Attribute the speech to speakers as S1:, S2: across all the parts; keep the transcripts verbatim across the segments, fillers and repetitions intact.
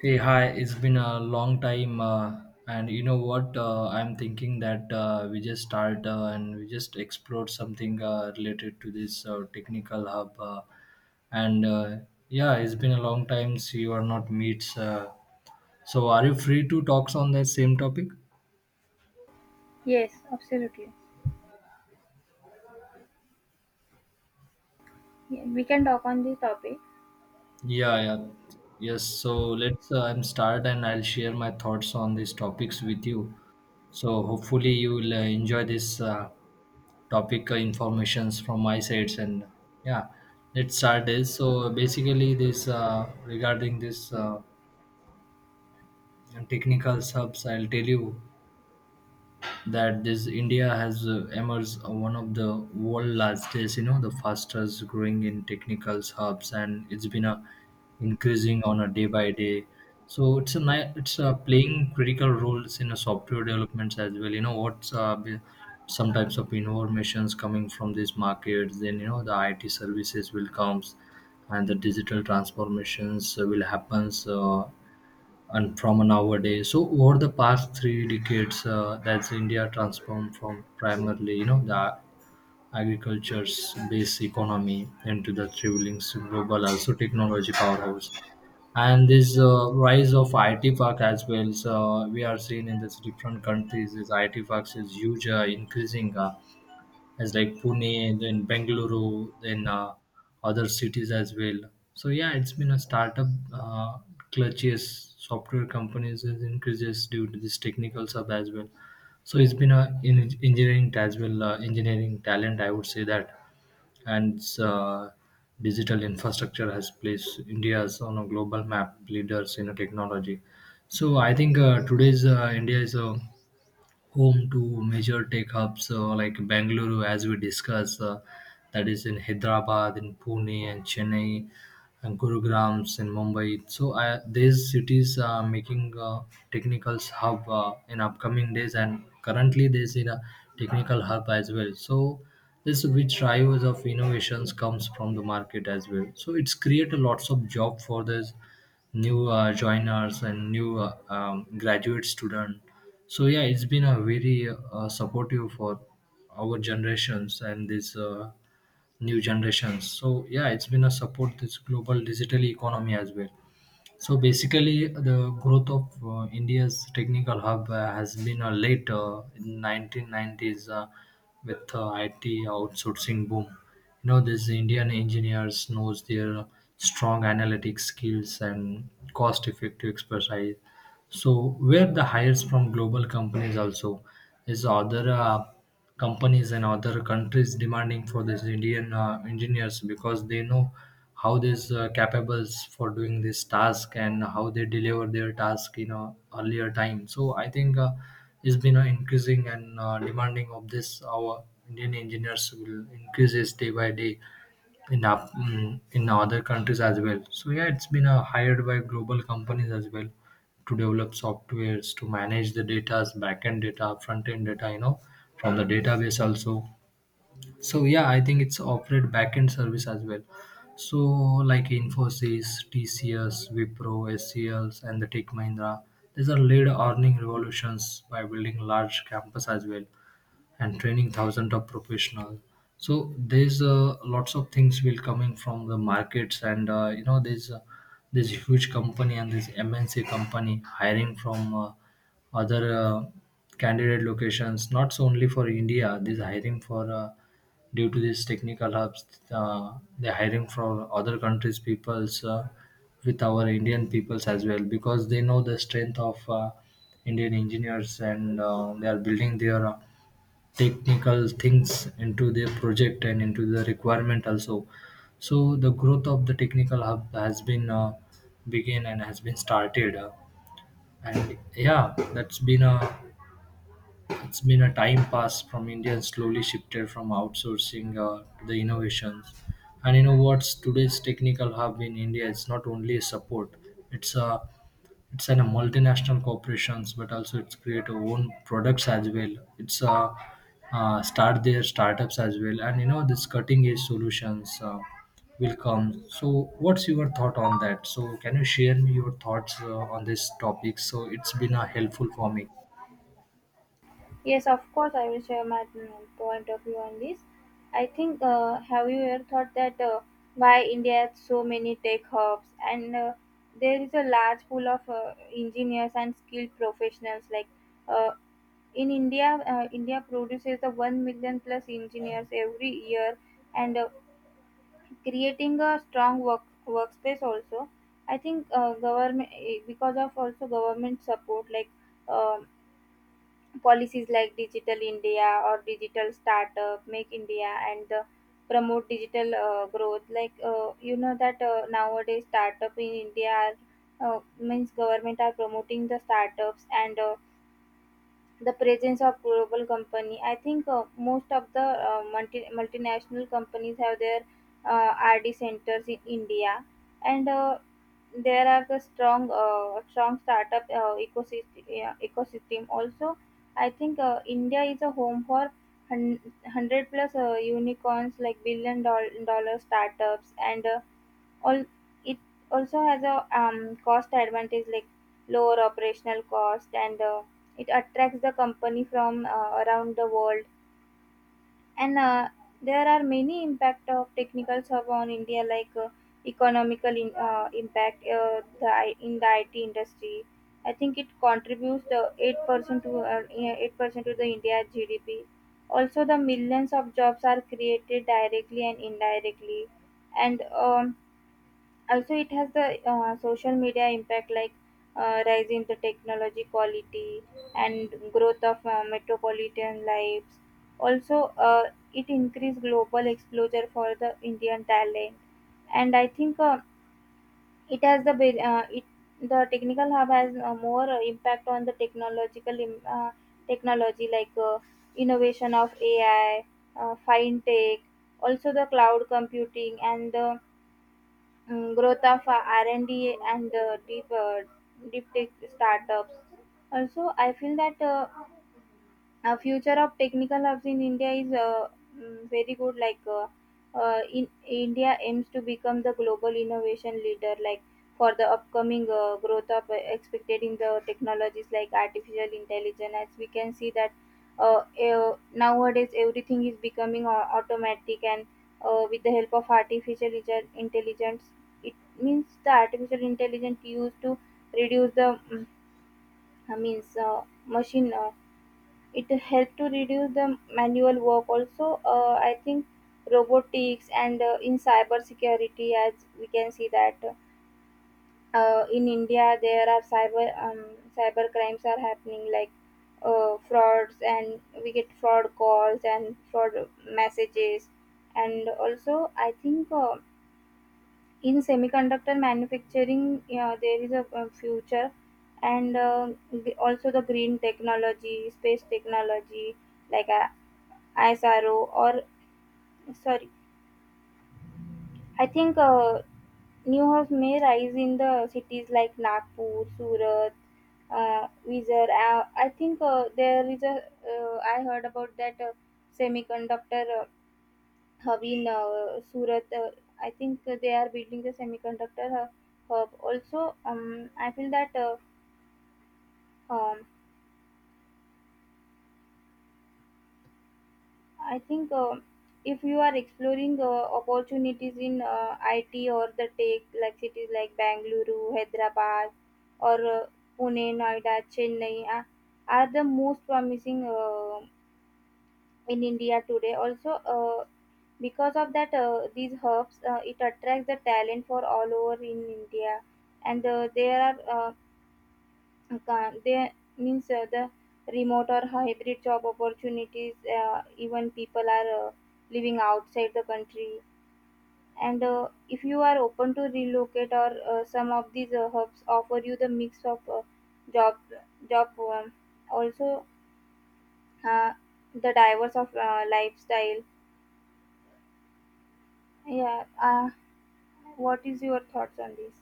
S1: Hey, hi, it's been a long time. Uh, and you know what? Uh, I'm thinking that uh, we just start uh, and we just explore something uh, related to this uh, technical hub. Uh, and uh, yeah, it's been a long time. So you are not meets. Uh, so are you free to talk on that same topic?
S2: Yes, absolutely. Yeah, we can talk on this topic.
S1: Yeah, yeah. Yes, so let's uh, I'm start and I'll share my thoughts on these topics with you. So hopefully you will uh, enjoy this uh, topic uh, informations from my sides, and yeah, let's start this. So basically this uh, regarding this uh, technical subs, I'll tell you that this India has uh, emerged uh, one of the world largest, you know, the fastest growing in technical hubs, and it's been a increasing on a day by day. So it's a ni- it's uh, playing critical roles in a software developments as well. You know what's uh, be- some types of informations coming from these markets. Then you know the I T services will comes, and the digital transformations uh, will happens. Uh, and from nowadays. So over the past three decades, uh, that's India transformed from primarily, you know, the agriculture's based economy into the traveling global also technology powerhouse. And this uh, rise of I T park as well, so we are seeing in this different countries, this I T parks is huge, uh, increasing. Uh, as like Pune and then Bengaluru, then uh, other cities as well. So yeah, it's been a startup uh, clutches software companies is increases due to this technical sub as well. So it's been a in engineering as well, uh, engineering talent. I would say that, and uh, digital infrastructure has placed India's on a global map leaders in a technology. So I think uh, today's uh, India is a home to major tech hubs uh, like Bangalore, as we discussed, uh, that is in Hyderabad, in Pune, and Chennai and Gurugrams in Mumbai. So uh, these cities are making uh, technicals hub uh, in upcoming days, and currently they see a technical hub as well. So this which drivers of innovations comes from the market as well, so it's create a lots of job for this new uh, joiners and new uh, um, graduate student. So yeah, it's been a very uh, supportive for our generations and this uh, new generations. So yeah, it's been a support this global digital economy as well. So basically the growth of uh, India's technical hub uh, has been a late uh, in nineteen nineties, uh, with uh, it outsourcing boom. You know these Indian engineers knows their strong analytic skills and cost effective expertise. So where the hires from global companies also is other uh, companies and other countries demanding for these Indian uh, engineers, because they know how these uh, capables for doing this task and how they deliver their task in a earlier time. So I think uh, it's been uh, increasing and uh, demanding of this our Indian engineers will increases day by day in up mm, in other countries as well. So yeah, it's been uh, hired by global companies as well to develop softwares to manage the data's backend data, front end data, you know, from the database also. So yeah, I think it's operate backend service as well. So like Infosys, T C S, Wipro, S C Ls, and the Tech Mahindra, these are lead earning revolutions by building large campus as well and training thousands of professionals. So there's uh, lots of things will coming from the markets, and uh, you know there's uh, this huge company and this MNC company hiring from uh, other uh, candidate locations, not so only for India this hiring for uh, due to these technical hubs, uh, they're hiring from other countries peoples uh, with our Indian peoples as well. Because they know the strength of uh, Indian engineers, and uh, they are building their uh, technical things into their project and into the requirement also. So the growth of the technical hub has been uh, begin and has been started, uh, and yeah, that's been a it's been a time passed from India and slowly shifted from outsourcing uh, to the innovations. And you know what's today's technical hub in India? It's not only a support; it's a it's an a multinational corporations, but also it's create our own products as well. It's a uh, start their startups as well, and you know this cutting edge solutions uh, will come. So, what's your thought on that? So, can you share me your thoughts uh, on this topic? So, it's been uh, helpful for me.
S2: Yes, of course, I will share my mm, point of view on this. I think, uh, have you ever thought that uh, why India has so many tech hubs and uh, there is a large pool of uh, engineers and skilled professionals? Like uh, in India, uh, India produces the one million plus engineers every year, and uh, creating a strong work workspace also. I think uh, government, eh, because of also government support, like um policies like Digital India or Digital Startup Make India, and the promote digital uh, growth. Like uh, you know that uh, nowadays startup in India are, uh, means, government are promoting the startups, and uh, the presence of global company. I think uh, most of the uh, multi- multinational companies have their uh, RD centers in India, and uh, there are the strong uh, strong startup uh, ecosystem, yeah, ecosystem also. I think uh, India is a home for hun- one hundred plus uh, unicorns like billion doll- dollar startups and uh, all. It also has a um, cost advantage, like lower operational cost, and uh, it attracts the company from uh, around the world. And uh, there are many impact of technical serve on India, like uh, economical in, uh, impact uh, the I- in the I T industry. I think it contributes the eight percent to uh, eight percent to the India G D P. Also, the millions of jobs are created directly and indirectly, and um, also it has the uh, social media impact, like uh, rise in the technology quality and growth of uh, metropolitan lives. Also, uh, it increased global exposure for the Indian talent. And I think uh, it has the be- uh, it, the technical hub, has uh, more uh, impact on the technological im- uh, technology, like uh, innovation of AI, uh, fintech, also the cloud computing and the mm, growth of uh, R and D and D and uh, deep uh, deep tech startups. Also, I feel that. Uh, uh, future of technical hubs in India is uh, mm, very good. Like uh, uh, in India aims to become the global innovation leader. Like for the upcoming uh, growth of uh, expected in the technologies like artificial intelligence, as we can see that, uh, uh, nowadays everything is becoming au- automatic. And uh, with the help of artificial intel- intelligence, it means the artificial intelligence used to reduce the mm, I means, uh, machine. Uh, it helped to reduce the manual work. Also, uh, I think robotics and uh, in cyber security, as we can see that uh, in India there are cyber um, cyber crimes are happening, like uh, frauds, and we get fraud calls and fraud messages. And also, I think uh, in semiconductor manufacturing, yeah, there is a, uh, future. And uh, the- also the green technology, space technology, like I, ISRO, or sorry, I think uh, new house may rise in the cities like Nagpur, Surat, uh, Vizag. Uh, I think uh, there is a, uh, I heard about that uh, semiconductor uh, hub in uh, Surat. Uh, I think uh, they are building the semiconductor uh, hub. Also, um, I feel that, uh, um, I think uh, if you are exploring uh, opportunities in uh, I T or the tech, like cities like Bangalore, Hyderabad, or uh, Pune, Noida, Chennai, uh, are the most promising uh, in India today. Also, uh, because of that, uh, these hubs, uh, it attracts the talent for all over in India. And uh, there are uh, Ca- they means uh, the remote or hybrid job opportunities. Uh, even people are uh, living outside the country. And uh, if you are open to relocate, or uh, some of these uh, hubs offer you the mix of uh, job job um, also uh, the diverse of uh, lifestyle. Yeah, uh, what is your thoughts on this?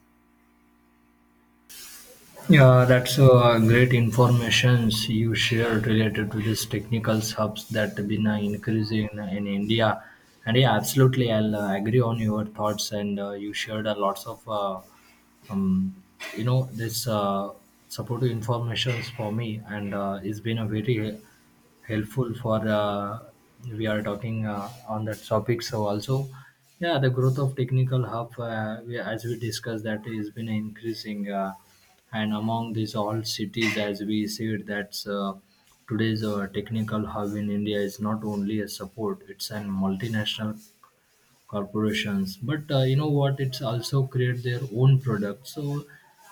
S1: Yeah, that's uh, great informations you shared related to these technical hubs that have been uh, increasing in India. And yeah, absolutely, I'll uh, agree on your thoughts. And uh, you shared uh, lots of, uh, um, you know, this uh, supportive informations for me, and uh, it's been a very helpful for uh, we are talking uh, on that topic. So also yeah, the growth of technical hub, uh, we, as we discussed, that has been increasing, uh, and among these all cities, as we said, that's uh, today's uh, technical hub in India is not only a support. It's an multinational corporations, but uh, you know what, it's also create their own products. So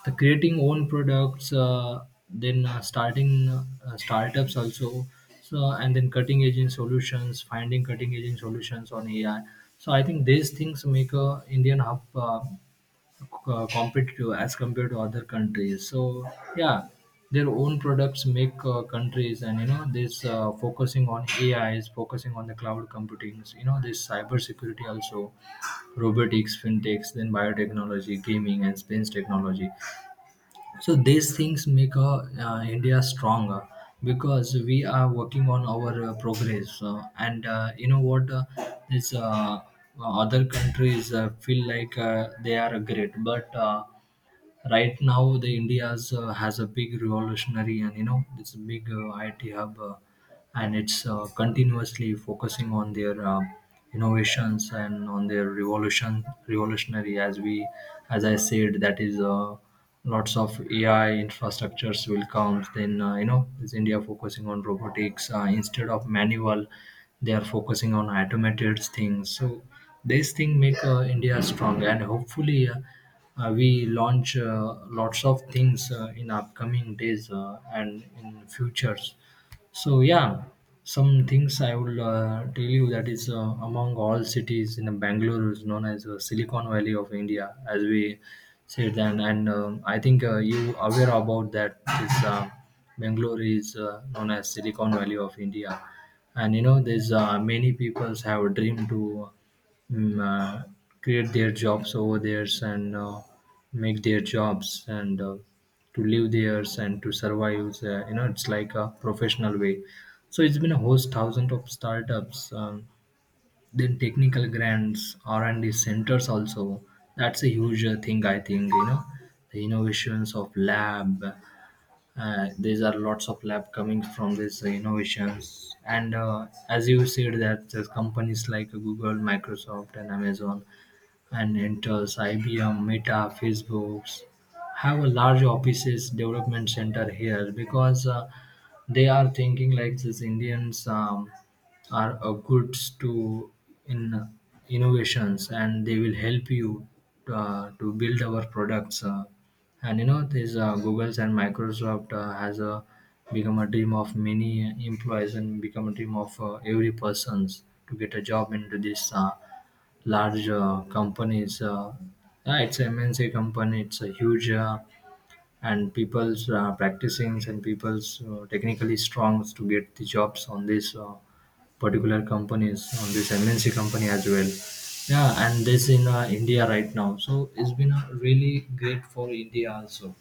S1: the creating own products, uh, then uh, starting uh, startups also. So and then cutting edge in solutions, finding cutting edge in solutions on AI. So I think these things make a Indian hub uh, uh, competitive as compared to other countries. So yeah, their own products make uh, countries, and you know this uh, focusing on AI is focusing on the cloud computing, you know this cyber security also, robotics, fintechs, then biotechnology, gaming and space technology. So these things make uh, uh, India stronger, because we are working on our uh, progress, uh, and uh, you know what, uh, this uh, other countries uh, feel like uh, they are great, but uh, right now the India's uh, has a big revolutionary. And you know this big uh, IT hub, uh, and it's uh, continuously focusing on their uh, innovations and on their revolution revolutionary, as we as I said, that is uh, lots of AI infrastructures will come. Then uh, you know is India focusing on robotics uh, instead of manual, they are focusing on automated things. So this thing make uh, India strong, and hopefully uh, uh, we launch uh, lots of things uh, in upcoming days uh, and in futures. So yeah, some things I will uh, tell you that is uh, among all cities in Bangalore is known as uh, Silicon Valley of India, as we said. Then, and um, I think uh, you aware about that. This uh, Bangalore is uh, known as Silicon Valley of India, and you know there's uh, many people have a dream to mm, uh, create their jobs over theirs and uh, make their jobs and uh, to live theirs and to survive. Uh, you know, it's like a professional way. So it's been a host thousand of startups, um, then technical grants, R and D centers also. That's a huge uh, thing I think. You know, the innovations of lab, uh, these are lots of lab coming from these uh, innovations, and uh, as you said that there's companies like Google, Microsoft and Amazon and enters IBM, Meta, Facebooks have a large offices development center here. Because uh, they are thinking like these Indians um, are uh, goods to in innovations, and they will help you uh, to build our products, uh, and you know this, uh, Googles and Microsoft uh, has uh, become a dream of many employees, and become a dream of uh, every persons to get a job into this uh, large uh, companies. Uh, yeah, it's an MNC company, it's a huge, uh, and people's uh, practicing, and people's uh, technically strong to get the jobs on this uh, particular companies, on this MNC company as well. Yeah, and this in uh, India right now, so it's been uh, really great for India also.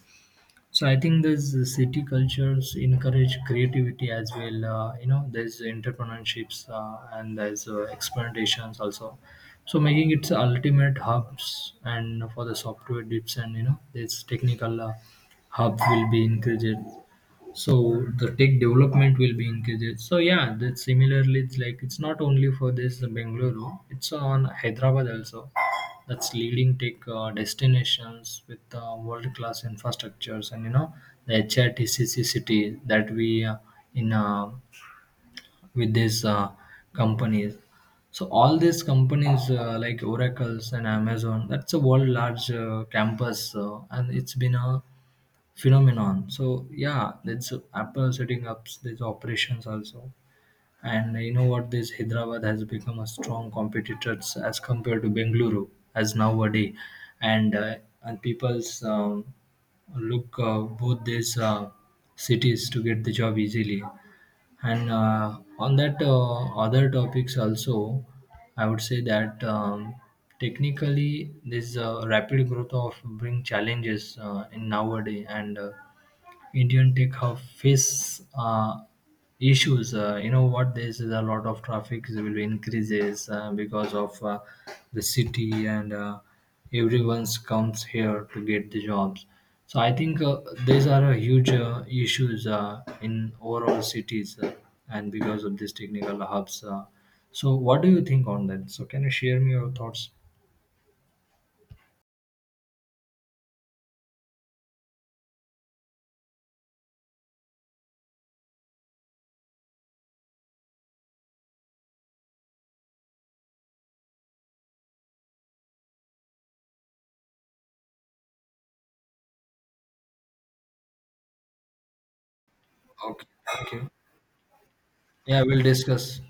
S1: So I think these uh, city cultures encourage creativity as well. Uh, you know, there's entrepreneurships, uh, and there's uh, experimentations also. So making its ultimate hubs and for the software dips, and you know this technical uh, hub will be increased, so the tech development will be increased. So yeah, that similarly, it's like it's not only for this Bengaluru, it's on Hyderabad also. That's leading tech uh, destinations with uh, world class infrastructures, and you know the HRTCC city that we uh, in uh, with these uh, companies. So all these companies uh, like Oracles and Amazon, that's a world large uh, campus, uh, and it's been a phenomenon. So yeah, that's Apple setting up these operations also. And you know what? This Hyderabad has become a strong competitor as compared to Bengaluru as nowadays, and uh, and people's um, look uh, both these uh, cities to get the job easily. And uh, on that uh, other topics also, I would say that um, technically this uh, rapid growth of bring challenges uh, in nowadays, and Uh, Indian tech office uh, issues. Uh, you know what? There's a lot of traffic will increases uh, because of uh, the city, and uh, everyone's comes here to get the jobs. So I think uh, these are a huge uh, issues uh, in overall cities, uh, and because of these technical hubs. Uh, so what do you think on that? So can you share me your thoughts? Okay. Okay. Yeah, we'll discuss.